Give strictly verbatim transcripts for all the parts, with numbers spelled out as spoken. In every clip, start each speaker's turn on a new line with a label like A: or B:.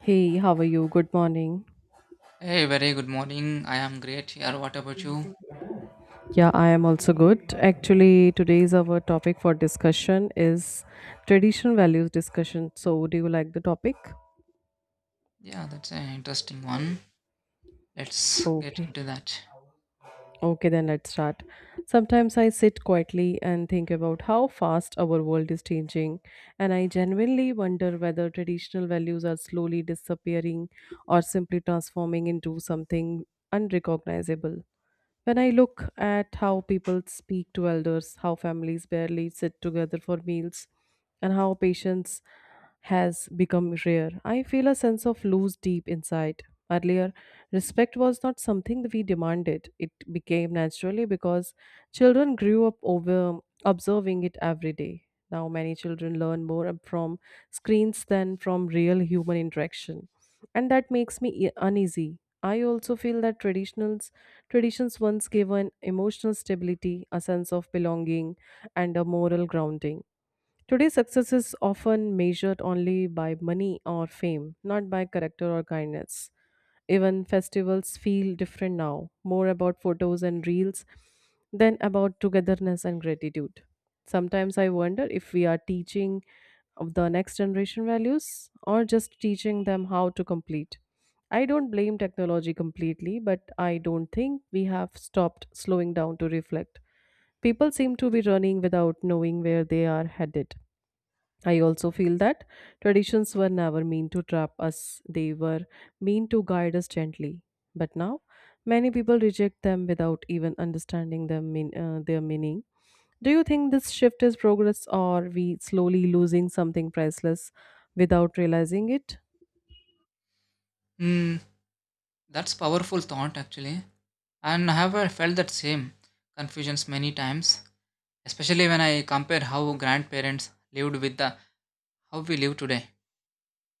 A: Hey, how are you? Good morning.
B: Hey, very good morning. I am great here. What about you?
A: Yeah, I am also good. Actually, today's our topic for discussion is traditional values discussion. So, do you like the topic?
B: Yeah, that's an interesting one. Let's get
A: Okay.
B: into that.
A: Okay, then let's start. Sometimes I sit quietly and think about how fast our world is changing, and I genuinely wonder whether traditional values are slowly disappearing or simply transforming into something unrecognizable. When I look at how people speak to elders, how families barely sit together for meals, and how patience has become rare, I feel a sense of loss deep inside. Earlier, respect was not something that we demanded. It became naturally because children grew up over observing it every day. Now, many children learn more from screens than from real human interaction, and that makes me e- uneasy. I also feel that traditionals traditions once gave an emotional stability, a sense of belonging, and a moral grounding. Today, success is often measured only by money or fame, not by character or kindness. Even festivals feel different now, more about photos and reels than about togetherness and gratitude. Sometimes I wonder if we are teaching of the next generation values or just teaching them how to complete. I don't blame technology completely, but I don't think we have stopped slowing down to reflect. People seem to be running without knowing where they are headed. I also feel that traditions were never meant to trap us, they were meant to guide us gently. But now, many people reject them without even understanding them mean, uh, their meaning. Do you think this shift is progress or we slowly losing something priceless without realizing it?
B: Hmm, that's powerful thought actually. And I have uh, felt that same confusions many times, especially when I compare how grandparents lived with the how we live today.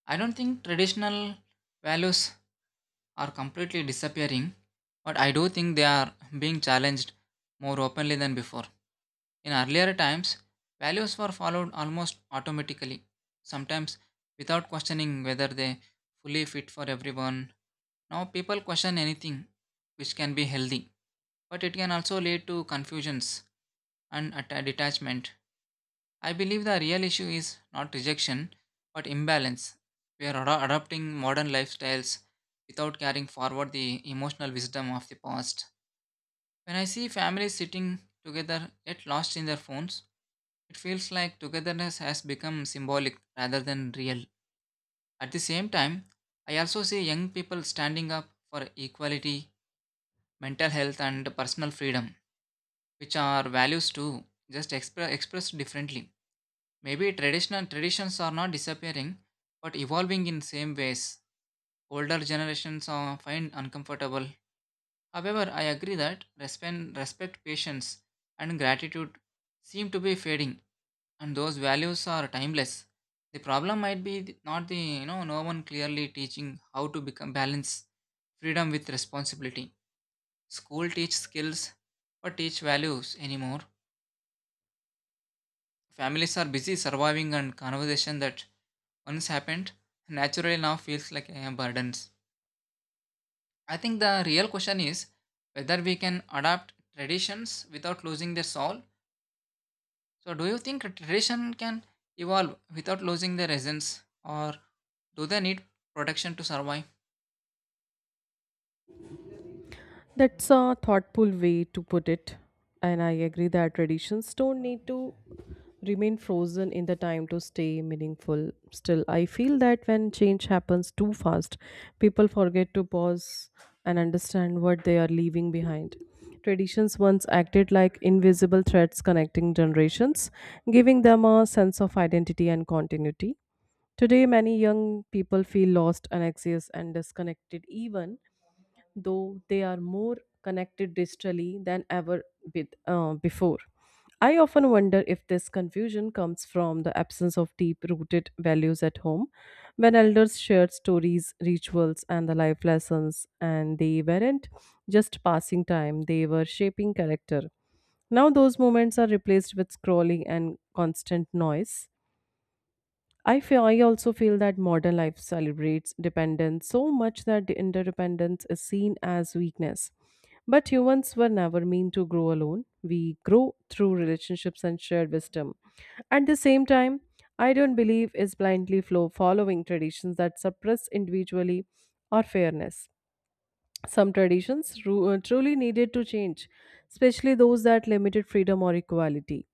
B: I don't think traditional values are completely disappearing, but I do think they are being challenged more openly than before. In earlier times, values were followed almost automatically, sometimes without questioning whether they fully fit for everyone. Now people question anything, which can be healthy, but it can also lead to confusions and atta- detachment. I believe the real issue is not rejection, but imbalance. We are ad- adopting modern lifestyles without carrying forward the emotional wisdom of the past. When I see families sitting together yet lost in their phones, it feels like togetherness has become symbolic rather than real. At the same time, I also see young people standing up for equality, mental health, and personal freedom, which are values too, just expre- expressed differently. Maybe traditional traditions are not disappearing, but evolving in same ways. Older generations are find uncomfortable. However, I agree that respect, respect, patience, and gratitude seem to be fading, and those values are timeless. The problem might be th- not the you know no one clearly teaching how to become balance freedom with responsibility. School teach skills, but teach values anymore. Families are busy surviving, and conversation that once happened naturally now feels like a burden. I think the real question is whether we can adapt traditions without losing their soul. So, do you think tradition can evolve without losing their essence, or do they need protection to survive?
A: That's a thoughtful way to put it. And I agree that traditions don't need to remain frozen in the time to stay meaningful. Still, I feel that when change happens too fast, people forget to pause and understand what they are leaving behind. Traditions once acted like invisible threads connecting generations, giving them a sense of identity and continuity. Today, many young people feel lost, anxious, and disconnected, even though they are more connected digitally than ever bit, uh, before. I often wonder if this confusion comes from the absence of deep rooted values at home, when elders shared stories, rituals, and the life lessons, and they weren't just passing time, they were shaping character. Now, those moments are replaced with scrolling and constant noise. I feel I also feel that modern life celebrates dependence so much that the interdependence is seen as weakness. But humans were never meant to grow alone. We grow through relationships and shared wisdom. At the same time, I don't believe is blindly flow following traditions that suppress individually or fairness. Some traditions ru- uh, truly needed to change, especially those that limited freedom or equality.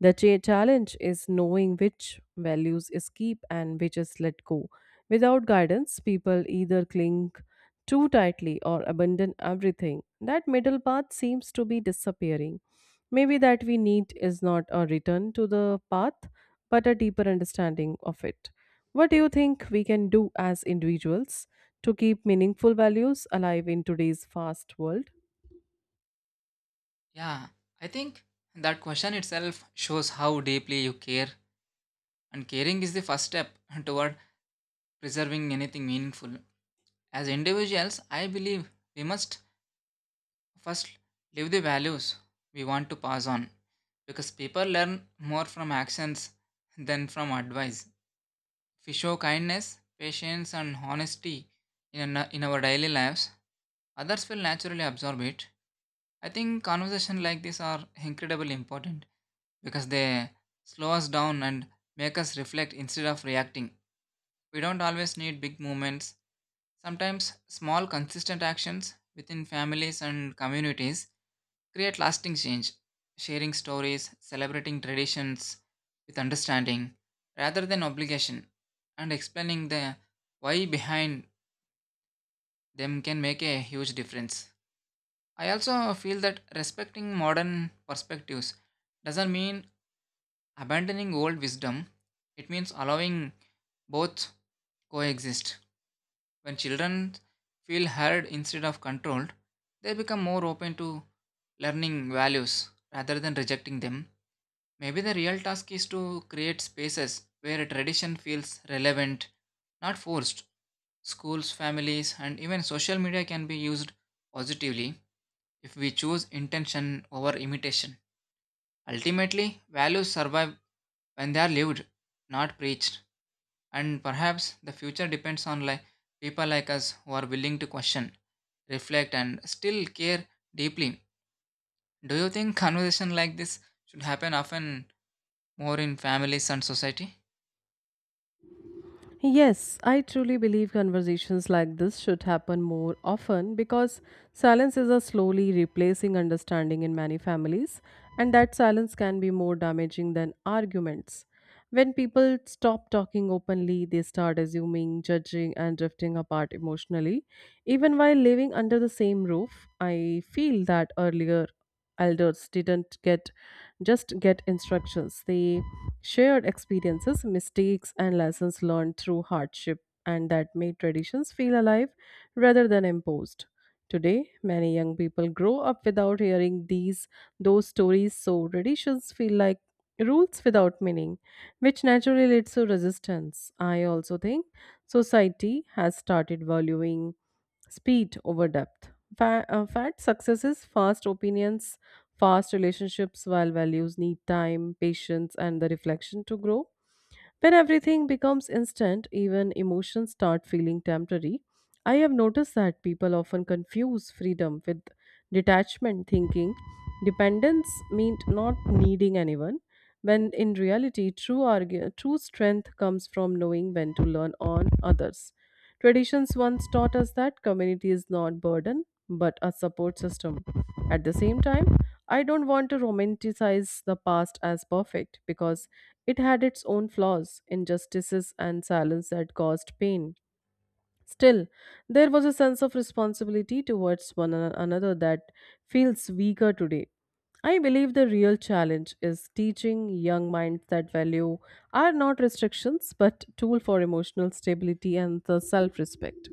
A: The cha- challenge is knowing which values is keep and which is let go. Without guidance, people either cling too tightly or abandon everything. That middle path seems to be disappearing. Maybe that we need is not a return to the path, but a deeper understanding of it. What do you think we can do as individuals to keep meaningful values alive in today's fast world?
B: Yeah, I think that question itself shows how deeply you care, and caring is the first step toward preserving anything meaningful. As individuals, I believe we must first, live the values we want to pass on because people learn more from actions than from advice. If we show kindness, patience, and honesty in, a- in our daily lives, others will naturally absorb it. I think conversations like this are incredibly important because they slow us down and make us reflect instead of reacting. We don't always need big movements. Sometimes small, consistent actions within families and communities create lasting change, sharing stories, celebrating traditions with understanding rather than obligation, and explaining the why behind them can make a huge difference. I also feel that respecting modern perspectives doesn't mean abandoning old wisdom, it means allowing both coexist. When children feel heard instead of controlled, they become more open to learning values rather than rejecting them. Maybe the real task is to create spaces where tradition feels relevant, not forced. Schools, families, and even social media can be used positively if we choose intention over imitation. Ultimately, values survive when they are lived, not preached. And perhaps the future depends on like people like us who are willing to question, reflect, and still care deeply. Do you think conversation like this should happen often more in families and society?
A: Yes, I truly believe conversations like this should happen more often because silences are slowly replacing understanding in many families, and that silence can be more damaging than arguments. When people stop talking openly, they start assuming, judging, and drifting apart emotionally. Even while living under the same roof, I feel that earlier elders didn't get just get instructions. They shared experiences, mistakes, and lessons learned through hardship, and that made traditions feel alive rather than imposed. Today, many young people grow up without hearing these those stories, so traditions feel like rules without meaning, which naturally leads to resistance. I also think society has started valuing speed over depth. Fa- uh, fat successes, fast opinions, fast relationships, while values need time, patience, and the reflection to grow. When everything becomes instant, even emotions start feeling temporary. I have noticed that people often confuse freedom with detachment, thinking dependence means not needing anyone. When in reality, true, argu- true strength comes from knowing when to learn on others. Traditions once taught us that community is not a burden but a support system. At the same time, I don't want to romanticize the past as perfect because it had its own flaws, injustices, and silence that caused pain. Still, there was a sense of responsibility towards one an- another that feels weaker today. I believe the real challenge is teaching young minds that value are not restrictions but tool for emotional stability and the self-respect.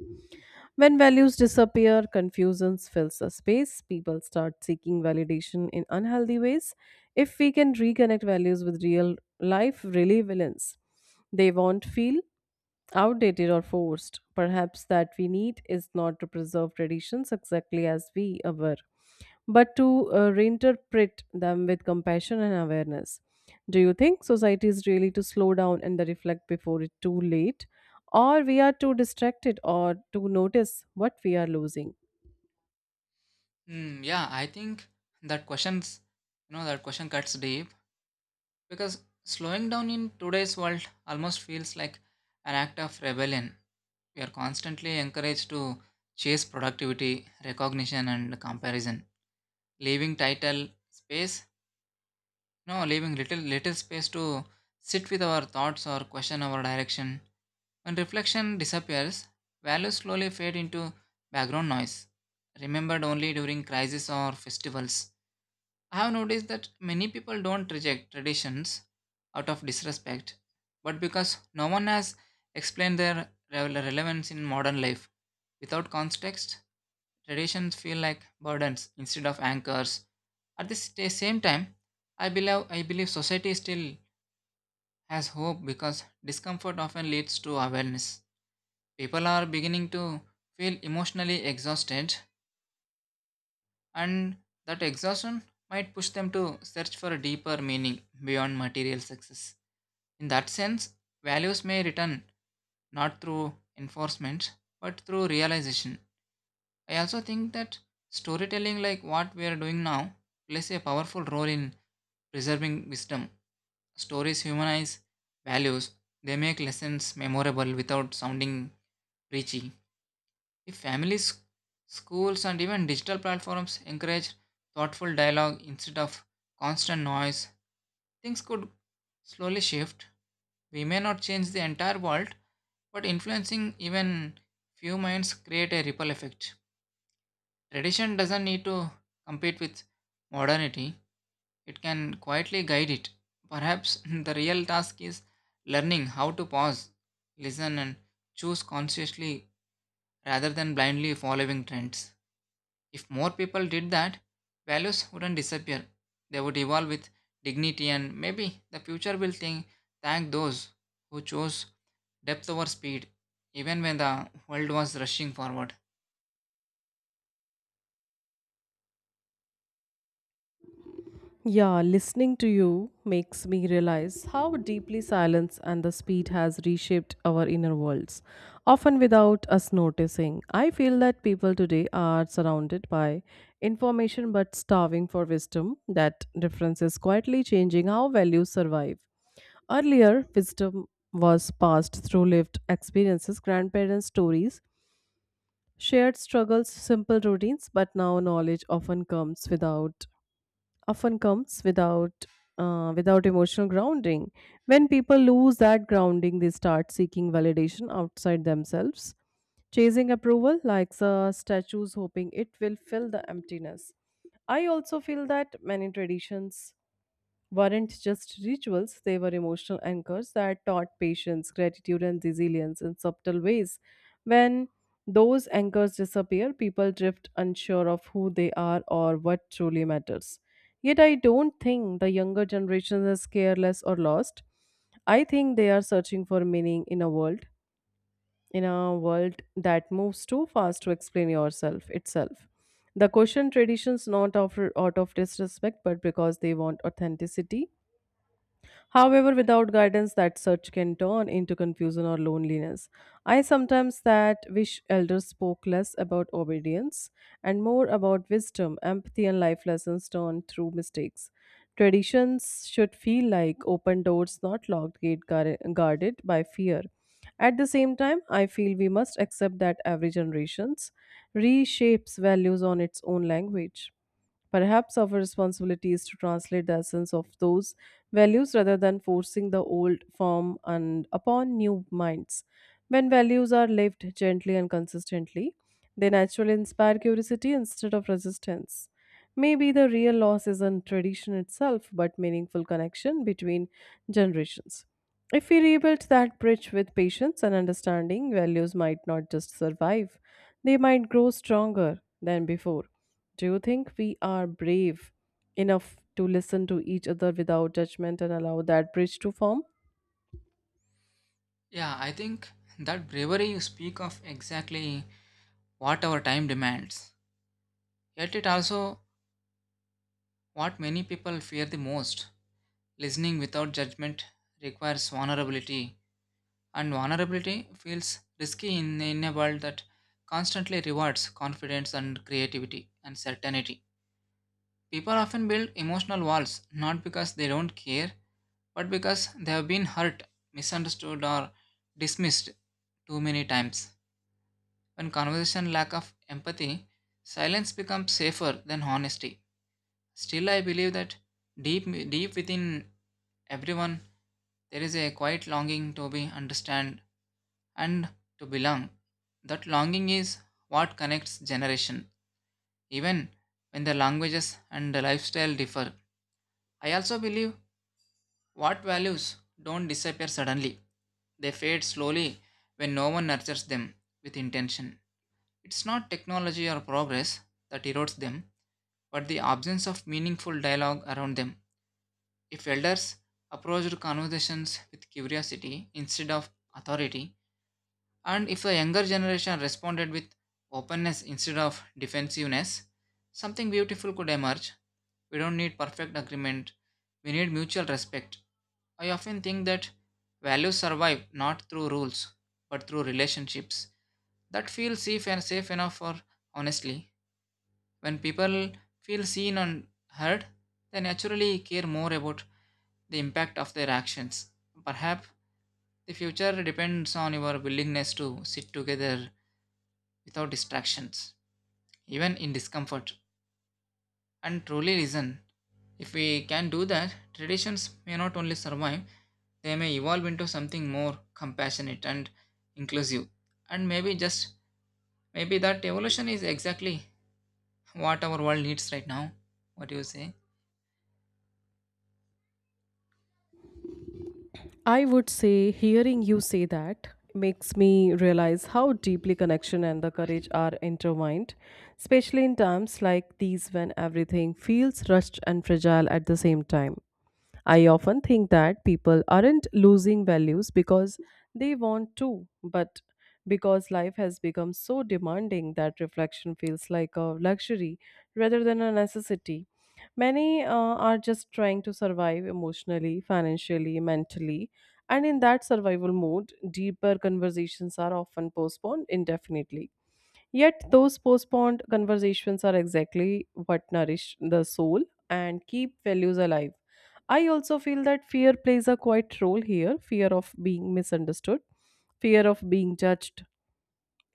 A: When values disappear, confusion fills the space. People start seeking validation in unhealthy ways. If we can reconnect values with real life relevance, they won't feel outdated or forced. Perhaps that we need is not to preserve traditions exactly as we were, but to uh, reinterpret them with compassion and awareness. Do you think society is really to slow down and reflect before it's too late, or we are too distracted or to notice what we are losing?
B: Hmm, yeah, I think that questions, you know, that question cuts deep because slowing down in today's world almost feels like an act of rebellion. We are constantly encouraged to chase productivity, recognition, and comparison, leaving title space No, leaving little little space to sit with our thoughts or question our direction. When reflection disappears, values slowly fade into background noise, remembered only during crises or festivals. I have noticed that many people don't reject traditions out of disrespect, but because no one has explained their rele- relevance in modern life. Without context, traditions feel like burdens instead of anchors. At the sta- same time, I believe, I believe society still has hope because discomfort often leads to awareness. People are beginning to feel emotionally exhausted and that exhaustion might push them to search for a deeper meaning beyond material success. In that sense, values may return not through enforcement but through realization. I also think that storytelling, like what we are doing now, plays a powerful role in preserving wisdom. Stories humanize values, they make lessons memorable without sounding preachy. If families, schools, and even digital platforms encourage thoughtful dialogue instead of constant noise, things could slowly shift. We may not change the entire world, but influencing even few minds create a ripple effect. Tradition doesn't need to compete with modernity, it can quietly guide it. Perhaps the real task is learning how to pause, listen, and choose consciously rather than blindly following trends. If more people did that, values wouldn't disappear. They would evolve with dignity, and maybe the future will think, thank those who chose depth over speed, even when the world was rushing forward.
A: Yeah, listening to you makes me realize how deeply silence and the speed has reshaped our inner worlds, often without us noticing. I feel that people today are surrounded by information but starving for wisdom. That difference is quietly changing how values survive. Earlier, wisdom was passed through lived experiences, grandparents' stories, shared struggles, simple routines, but now knowledge often comes without often comes without uh, without emotional grounding. When people lose that grounding, they start seeking validation outside themselves, chasing approval like the statues, hoping it will fill the emptiness. I also feel that many traditions weren't just rituals, they were emotional anchors that taught patience, gratitude, and resilience in subtle ways. When those anchors disappear, people drift unsure of who they are or what truly matters. Yet, I don't think the younger generation is careless or lost. I think they are searching for meaning in a world, in a world that moves too fast to explain yourself itself. The question traditions not of, out of disrespect, but because they want authenticity. However, without guidance, that search can turn into confusion or loneliness. I sometimes that wish elders spoke less about obedience and more about wisdom, empathy, and life lessons learned through mistakes. Traditions should feel like open doors, not locked gate guard- guarded by fear. At the same time, I feel we must accept that every generations reshapes values on its own language. Perhaps our responsibility is to translate the essence of those values rather than forcing the old form and upon new minds. When values are lived gently and consistently, they naturally inspire curiosity instead of resistance. Maybe the real loss isn't tradition itself, but meaningful connection between generations. If we rebuild that bridge with patience and understanding, values might not just survive, they might grow stronger than before. Do you think we are brave enough to listen to each other without judgment and allow that bridge to form?
B: Yeah, I think that bravery you speak of exactly what our time demands. Yet it also what many people fear the most. Listening without judgment requires vulnerability. And vulnerability feels risky in, in a world that constantly rewards confidence and creativity and certainty. People often build emotional walls not because they don't care, but because they have been hurt, misunderstood, or dismissed too many times. When conversation lack of empathy, silence becomes safer than honesty. Still, I believe that deep, deep within everyone, there is a quiet longing to be understood and to belong. That longing is what connects generation, even when the languages and the lifestyle differ. I also believe what values don't disappear suddenly. They fade slowly when no one nurtures them with intention. It's not technology or progress that erodes them, but the absence of meaningful dialogue around them. If elders approached conversations with curiosity instead of authority, and if the younger generation responded with openness instead of defensiveness, something beautiful could emerge. We don't need perfect agreement, we need mutual respect. I often think that values survive not through rules, but through relationships that feel safe and safe enough for honestly. When people feel seen and heard, they naturally care more about the impact of their actions. Perhaps the future depends on your willingness to sit together without distractions, even in discomfort, and truly listen. If we can do that, traditions may not only survive, they may evolve into something more compassionate and inclusive. And maybe just maybe that evolution is exactly what our world needs right now. What do you say?
A: I would say hearing you say that makes me realize how deeply connection and the courage are intertwined, especially in times like these when everything feels rushed and fragile at the same time. I often think that people aren't losing values because they want to, but because life has become so demanding that reflection feels like a luxury rather than a necessity. Many uh, are just trying to survive emotionally, financially, mentally, and in that survival mode, deeper conversations are often postponed indefinitely. Yet, those postponed conversations are exactly what nourish the soul and keep values alive. I also feel that fear plays a quiet role here: fear of being misunderstood, fear of being judged,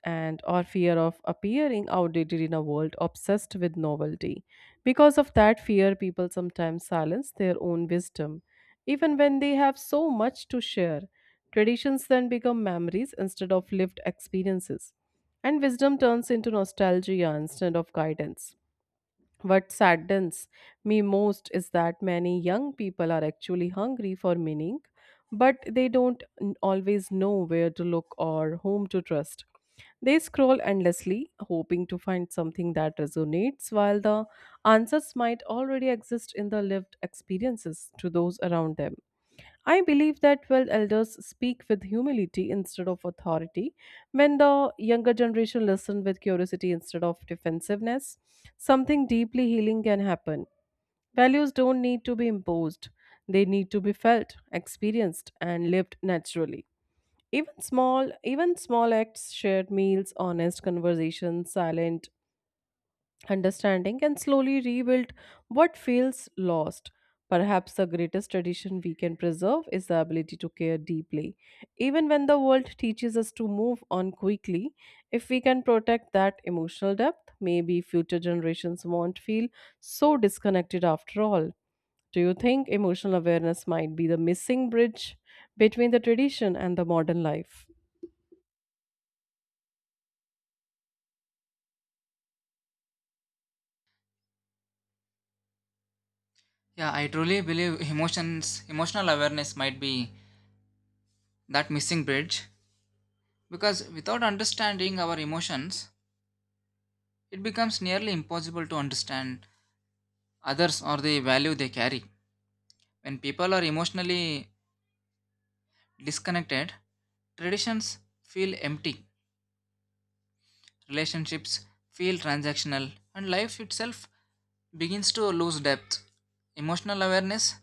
A: and or fear of appearing outdated in a world obsessed with novelty. Because of that fear, people sometimes silence their own wisdom, even when they have so much to share. Traditions then become memories instead of lived experiences, and wisdom turns into nostalgia instead of guidance. What saddens me most is that many young people are actually hungry for meaning, but they don't n- always know where to look or whom to trust. They scroll endlessly, hoping to find something that resonates, while the answers might already exist in the lived experiences to those around them. I believe that well, elders speak with humility instead of authority, when the younger generation listen with curiosity instead of defensiveness, something deeply healing can happen. Values don't need to be imposed, they need to be felt, experienced, and lived naturally. Even small, even small acts, shared meals, honest conversations, silent understanding and slowly rebuild what feels lost. Perhaps the greatest tradition we can preserve is the ability to care deeply. Even when the world teaches us to move on quickly, if we can protect that emotional depth, maybe future generations won't feel so disconnected after all. Do you think emotional awareness might be the missing bridge between the tradition and the modern life?
B: Yeah, I truly believe emotions, emotional awareness might be that missing bridge because without understanding our emotions, it becomes nearly impossible to understand others or the value they carry. When people are emotionally disconnected, traditions feel empty, relationships feel transactional, and life itself begins to lose depth. Emotional awareness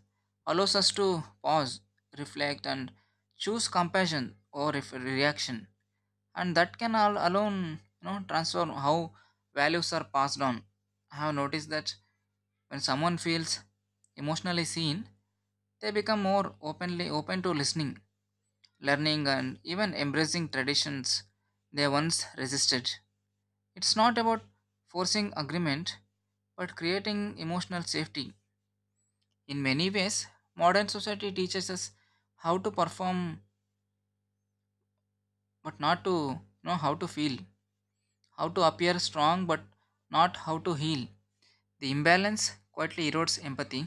B: allows us to pause, reflect, and choose compassion or if reaction and that can all alone you know transform how values are passed on. I have noticed that when someone feels emotionally seen they become more openly open to listening, learning, and even embracing traditions they once resisted. It's not about forcing agreement but creating emotional safety. In many ways modern society teaches us how to perform but not to you know how to feel, how to appear strong but not how to heal. The imbalance quietly erodes empathy,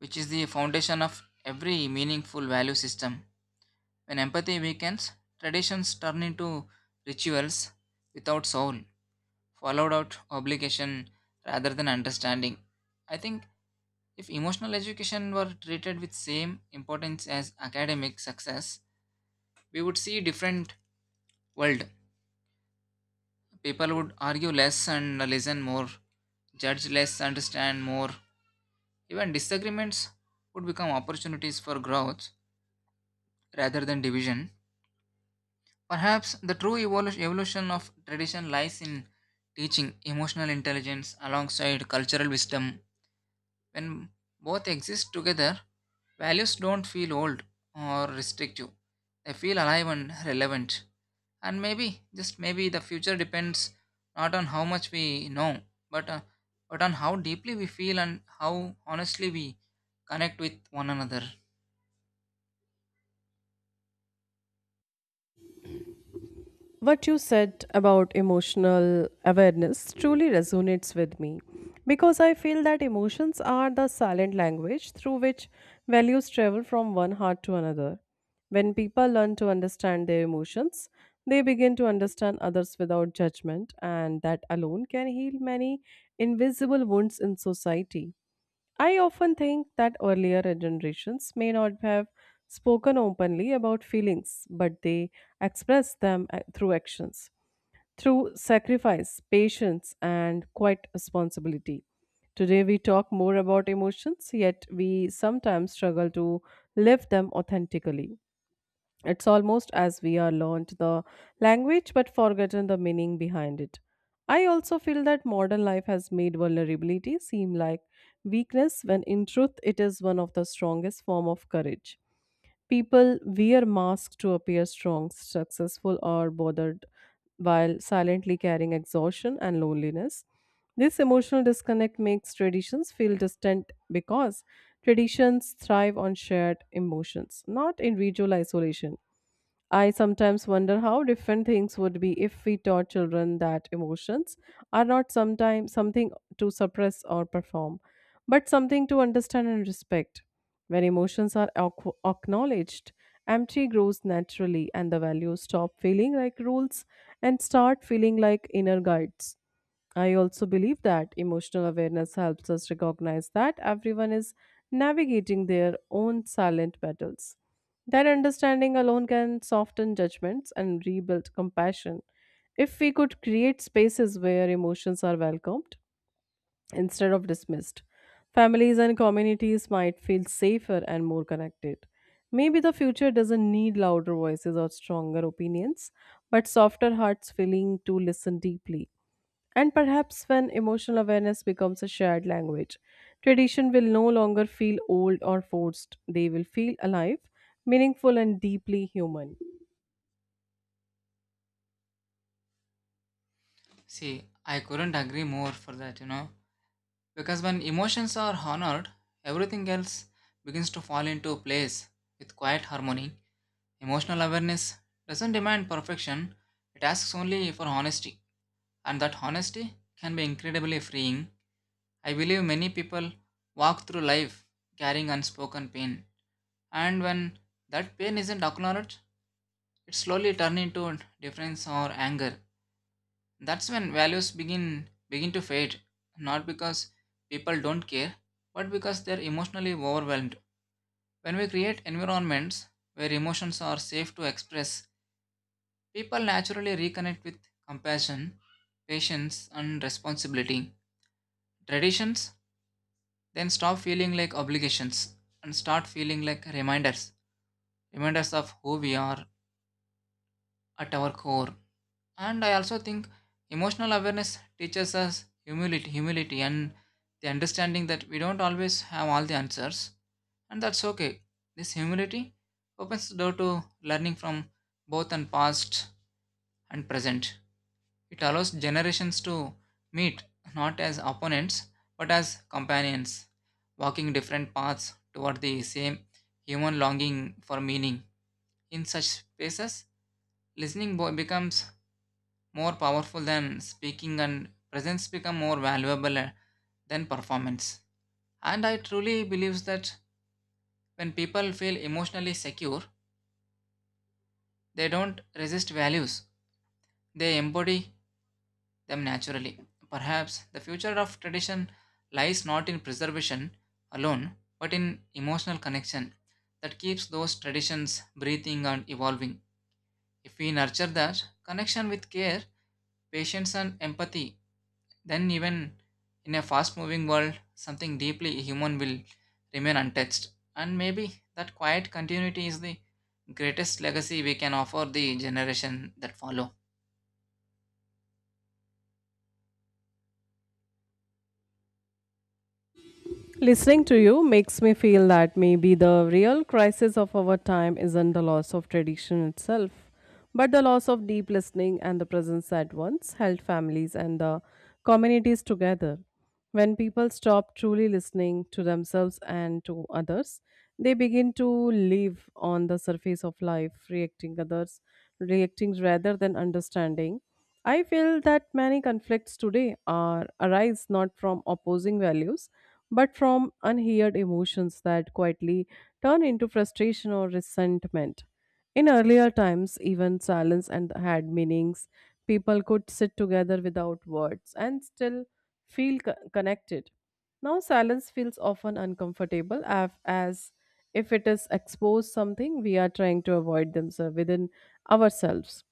B: which is the foundation of every meaningful value system. When empathy weakens, traditions turn into rituals without soul, followed out obligation rather than understanding. I think if emotional education were treated with same importance as academic success, we would see different world. People would argue less and listen more, judge less, understand more. Even disagreements would become opportunities for growth rather than division. Perhaps the true evolu- evolution of tradition lies in teaching emotional intelligence alongside cultural wisdom. When both exist together, values don't feel old or restrictive. They feel alive and relevant. And maybe, just maybe, the future depends not on how much we know, but, uh, but on how deeply we feel and how honestly we connect with one another.
A: What you said about emotional awareness truly resonates with me because I feel that emotions are the silent language through which values travel from one heart to another. When people learn to understand their emotions, they begin to understand others without judgment, and that alone can heal many invisible wounds in society. I often think that earlier generations may not have spoken openly about feelings, but they expressed them uh, through actions, through sacrifice, patience, and quiet responsibility. Today, we talk more about emotions, yet we sometimes struggle to live them authentically. It's almost as we are learned the language but forgotten the meaning behind it. I also feel that modern life has made vulnerability seem like weakness when in truth it is one of the strongest form of courage. People wear masks to appear strong, successful or bothered while silently carrying exhaustion and loneliness. This emotional disconnect makes traditions feel distant because traditions thrive on shared emotions, not individual isolation. I sometimes wonder how different things would be if we taught children that emotions are not sometimes something to suppress or perform, but something to understand and respect. When emotions are ac- acknowledged, empathy grows naturally and the values stop feeling like rules and start feeling like inner guides. I also believe that emotional awareness helps us recognize that everyone is navigating their own silent battles. That understanding alone can soften judgments and rebuild compassion. If we could create spaces where emotions are welcomed instead of dismissed, families and communities might feel safer and more connected. Maybe the future doesn't need louder voices or stronger opinions, but softer hearts willing to listen deeply. And perhaps when emotional awareness becomes a shared language, tradition will no longer feel old or forced. They will feel alive, meaningful, and deeply human.
B: See, I couldn't agree more for that, you know. Because when emotions are honored, everything else begins to fall into place with quiet harmony. Emotional awareness doesn't demand perfection, it asks only for honesty, and that honesty can be incredibly freeing. I believe many people walk through life carrying unspoken pain, and when that pain isn't acknowledged, it slowly turns into indifference or anger. That's when values begin begin to fade, not because people don't care, but because they're emotionally overwhelmed. When we create environments where emotions are safe to express, people naturally reconnect with compassion, patience, and responsibility. Traditions then stop feeling like obligations and start feeling like reminders, reminders of who we are at our core. And I also think emotional awareness teaches us humility, humility and the understanding that we don't always have all the answers. And that's okay. This humility opens the door to learning from both and past and present. It allows generations to meet not as opponents but as companions, walking different paths toward the same human longing for meaning. In such spaces, listening bo- becomes more powerful than speaking and presence become more valuable uh, than performance. And I truly believe that when people feel emotionally secure they don't resist values, they embody them naturally. Perhaps the future of tradition lies not in preservation alone but in emotional connection that keeps those traditions breathing and evolving. If we nurture that connection with care, patience, and empathy, then, even in a fast moving world, something deeply human will remain untouched. And maybe that quiet continuity is the greatest legacy we can offer the generation that follow.
A: Listening to you makes me feel that maybe the real crisis of our time isn't the loss of tradition itself, but the loss of deep listening and the presence that once held families and the communities together. When people stop truly listening to themselves and to others, they begin to live on the surface of life, reacting others, reacting rather than understanding. I feel that many conflicts today are arise not from opposing values, but from unheard emotions that quietly turn into frustration or resentment. In earlier times, even silence and had meanings. People could sit together without words and still feel co- connected. Now, silence feels often uncomfortable af- as if it is exposed something we are trying to avoid themselves within ourselves.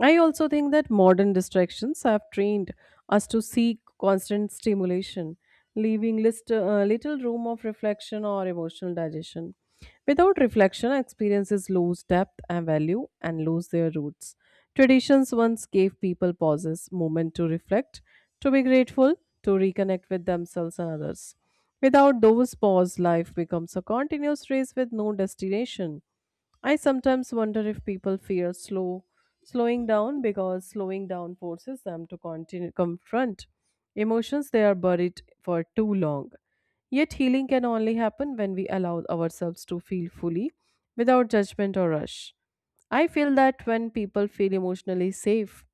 A: I also think that modern distractions have trained us to seek constant stimulation, leaving list, uh, little room of reflection or emotional digestion. Without reflection, experiences lose depth and value and lose their roots. Traditions once gave people pauses, moment to reflect, to be grateful, to reconnect with themselves and others. Without those pause, life becomes a continuous race with no destination. I sometimes wonder if people fear slow slowing down because slowing down forces them to continue confront emotions they are buried for too long. Yet healing can only happen when we allow ourselves to feel fully without judgment or rush. I feel that when people feel emotionally safe,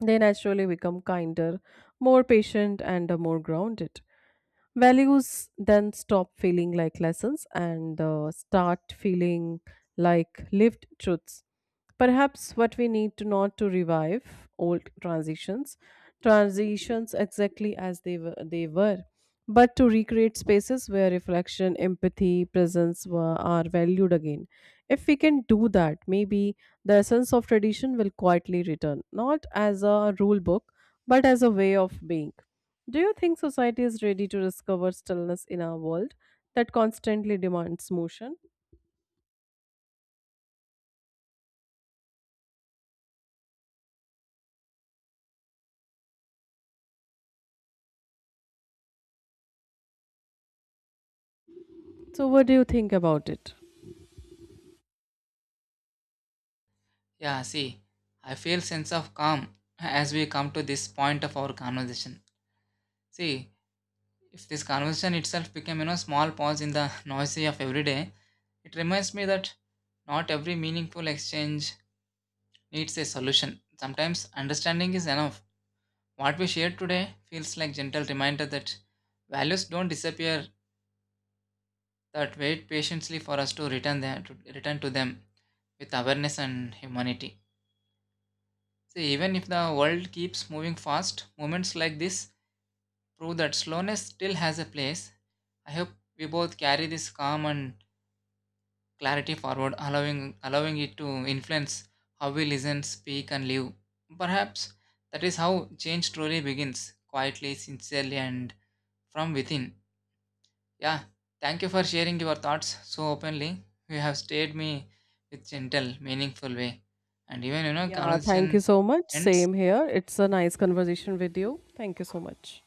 A: they naturally become kinder, more patient, and uh, more grounded. Values then stop feeling like lessons and uh, start feeling like lived truths. Perhaps what we need to not to revive old transitions, transitions exactly as they were, they were, but to recreate spaces where reflection, empathy, presence were, are valued again. If we can do that, maybe the essence of tradition will quietly return, not as a rule book, but as a way of being. Do you think society is ready to discover stillness in a world that constantly demands motion? So, what do you think about it?
B: Yeah, see, I feel sense of calm as we come to this point of our conversation. See, if this conversation itself became you know small pause in the noisy of every day, it reminds me that not every meaningful exchange needs a solution. Sometimes understanding is enough. What we shared today feels like gentle reminder that values don't disappear, that wait patiently for us to return them, to return to them with awareness and humanity. See, even if the world keeps moving fast, moments like this prove that slowness still has a place. I hope we both carry this calm and clarity forward, allowing allowing it to influence how we listen, speak, and live. Perhaps that is how change truly begins, quietly, sincerely, and from within. Yeah, thank you for sharing your thoughts so openly. You have stayed me with gentle, meaningful way. And even you know,
A: Yeah, thank you
B: conversation
A: so much.
B: ends.
A: Same here. It's a nice conversation with you. Thank you so much.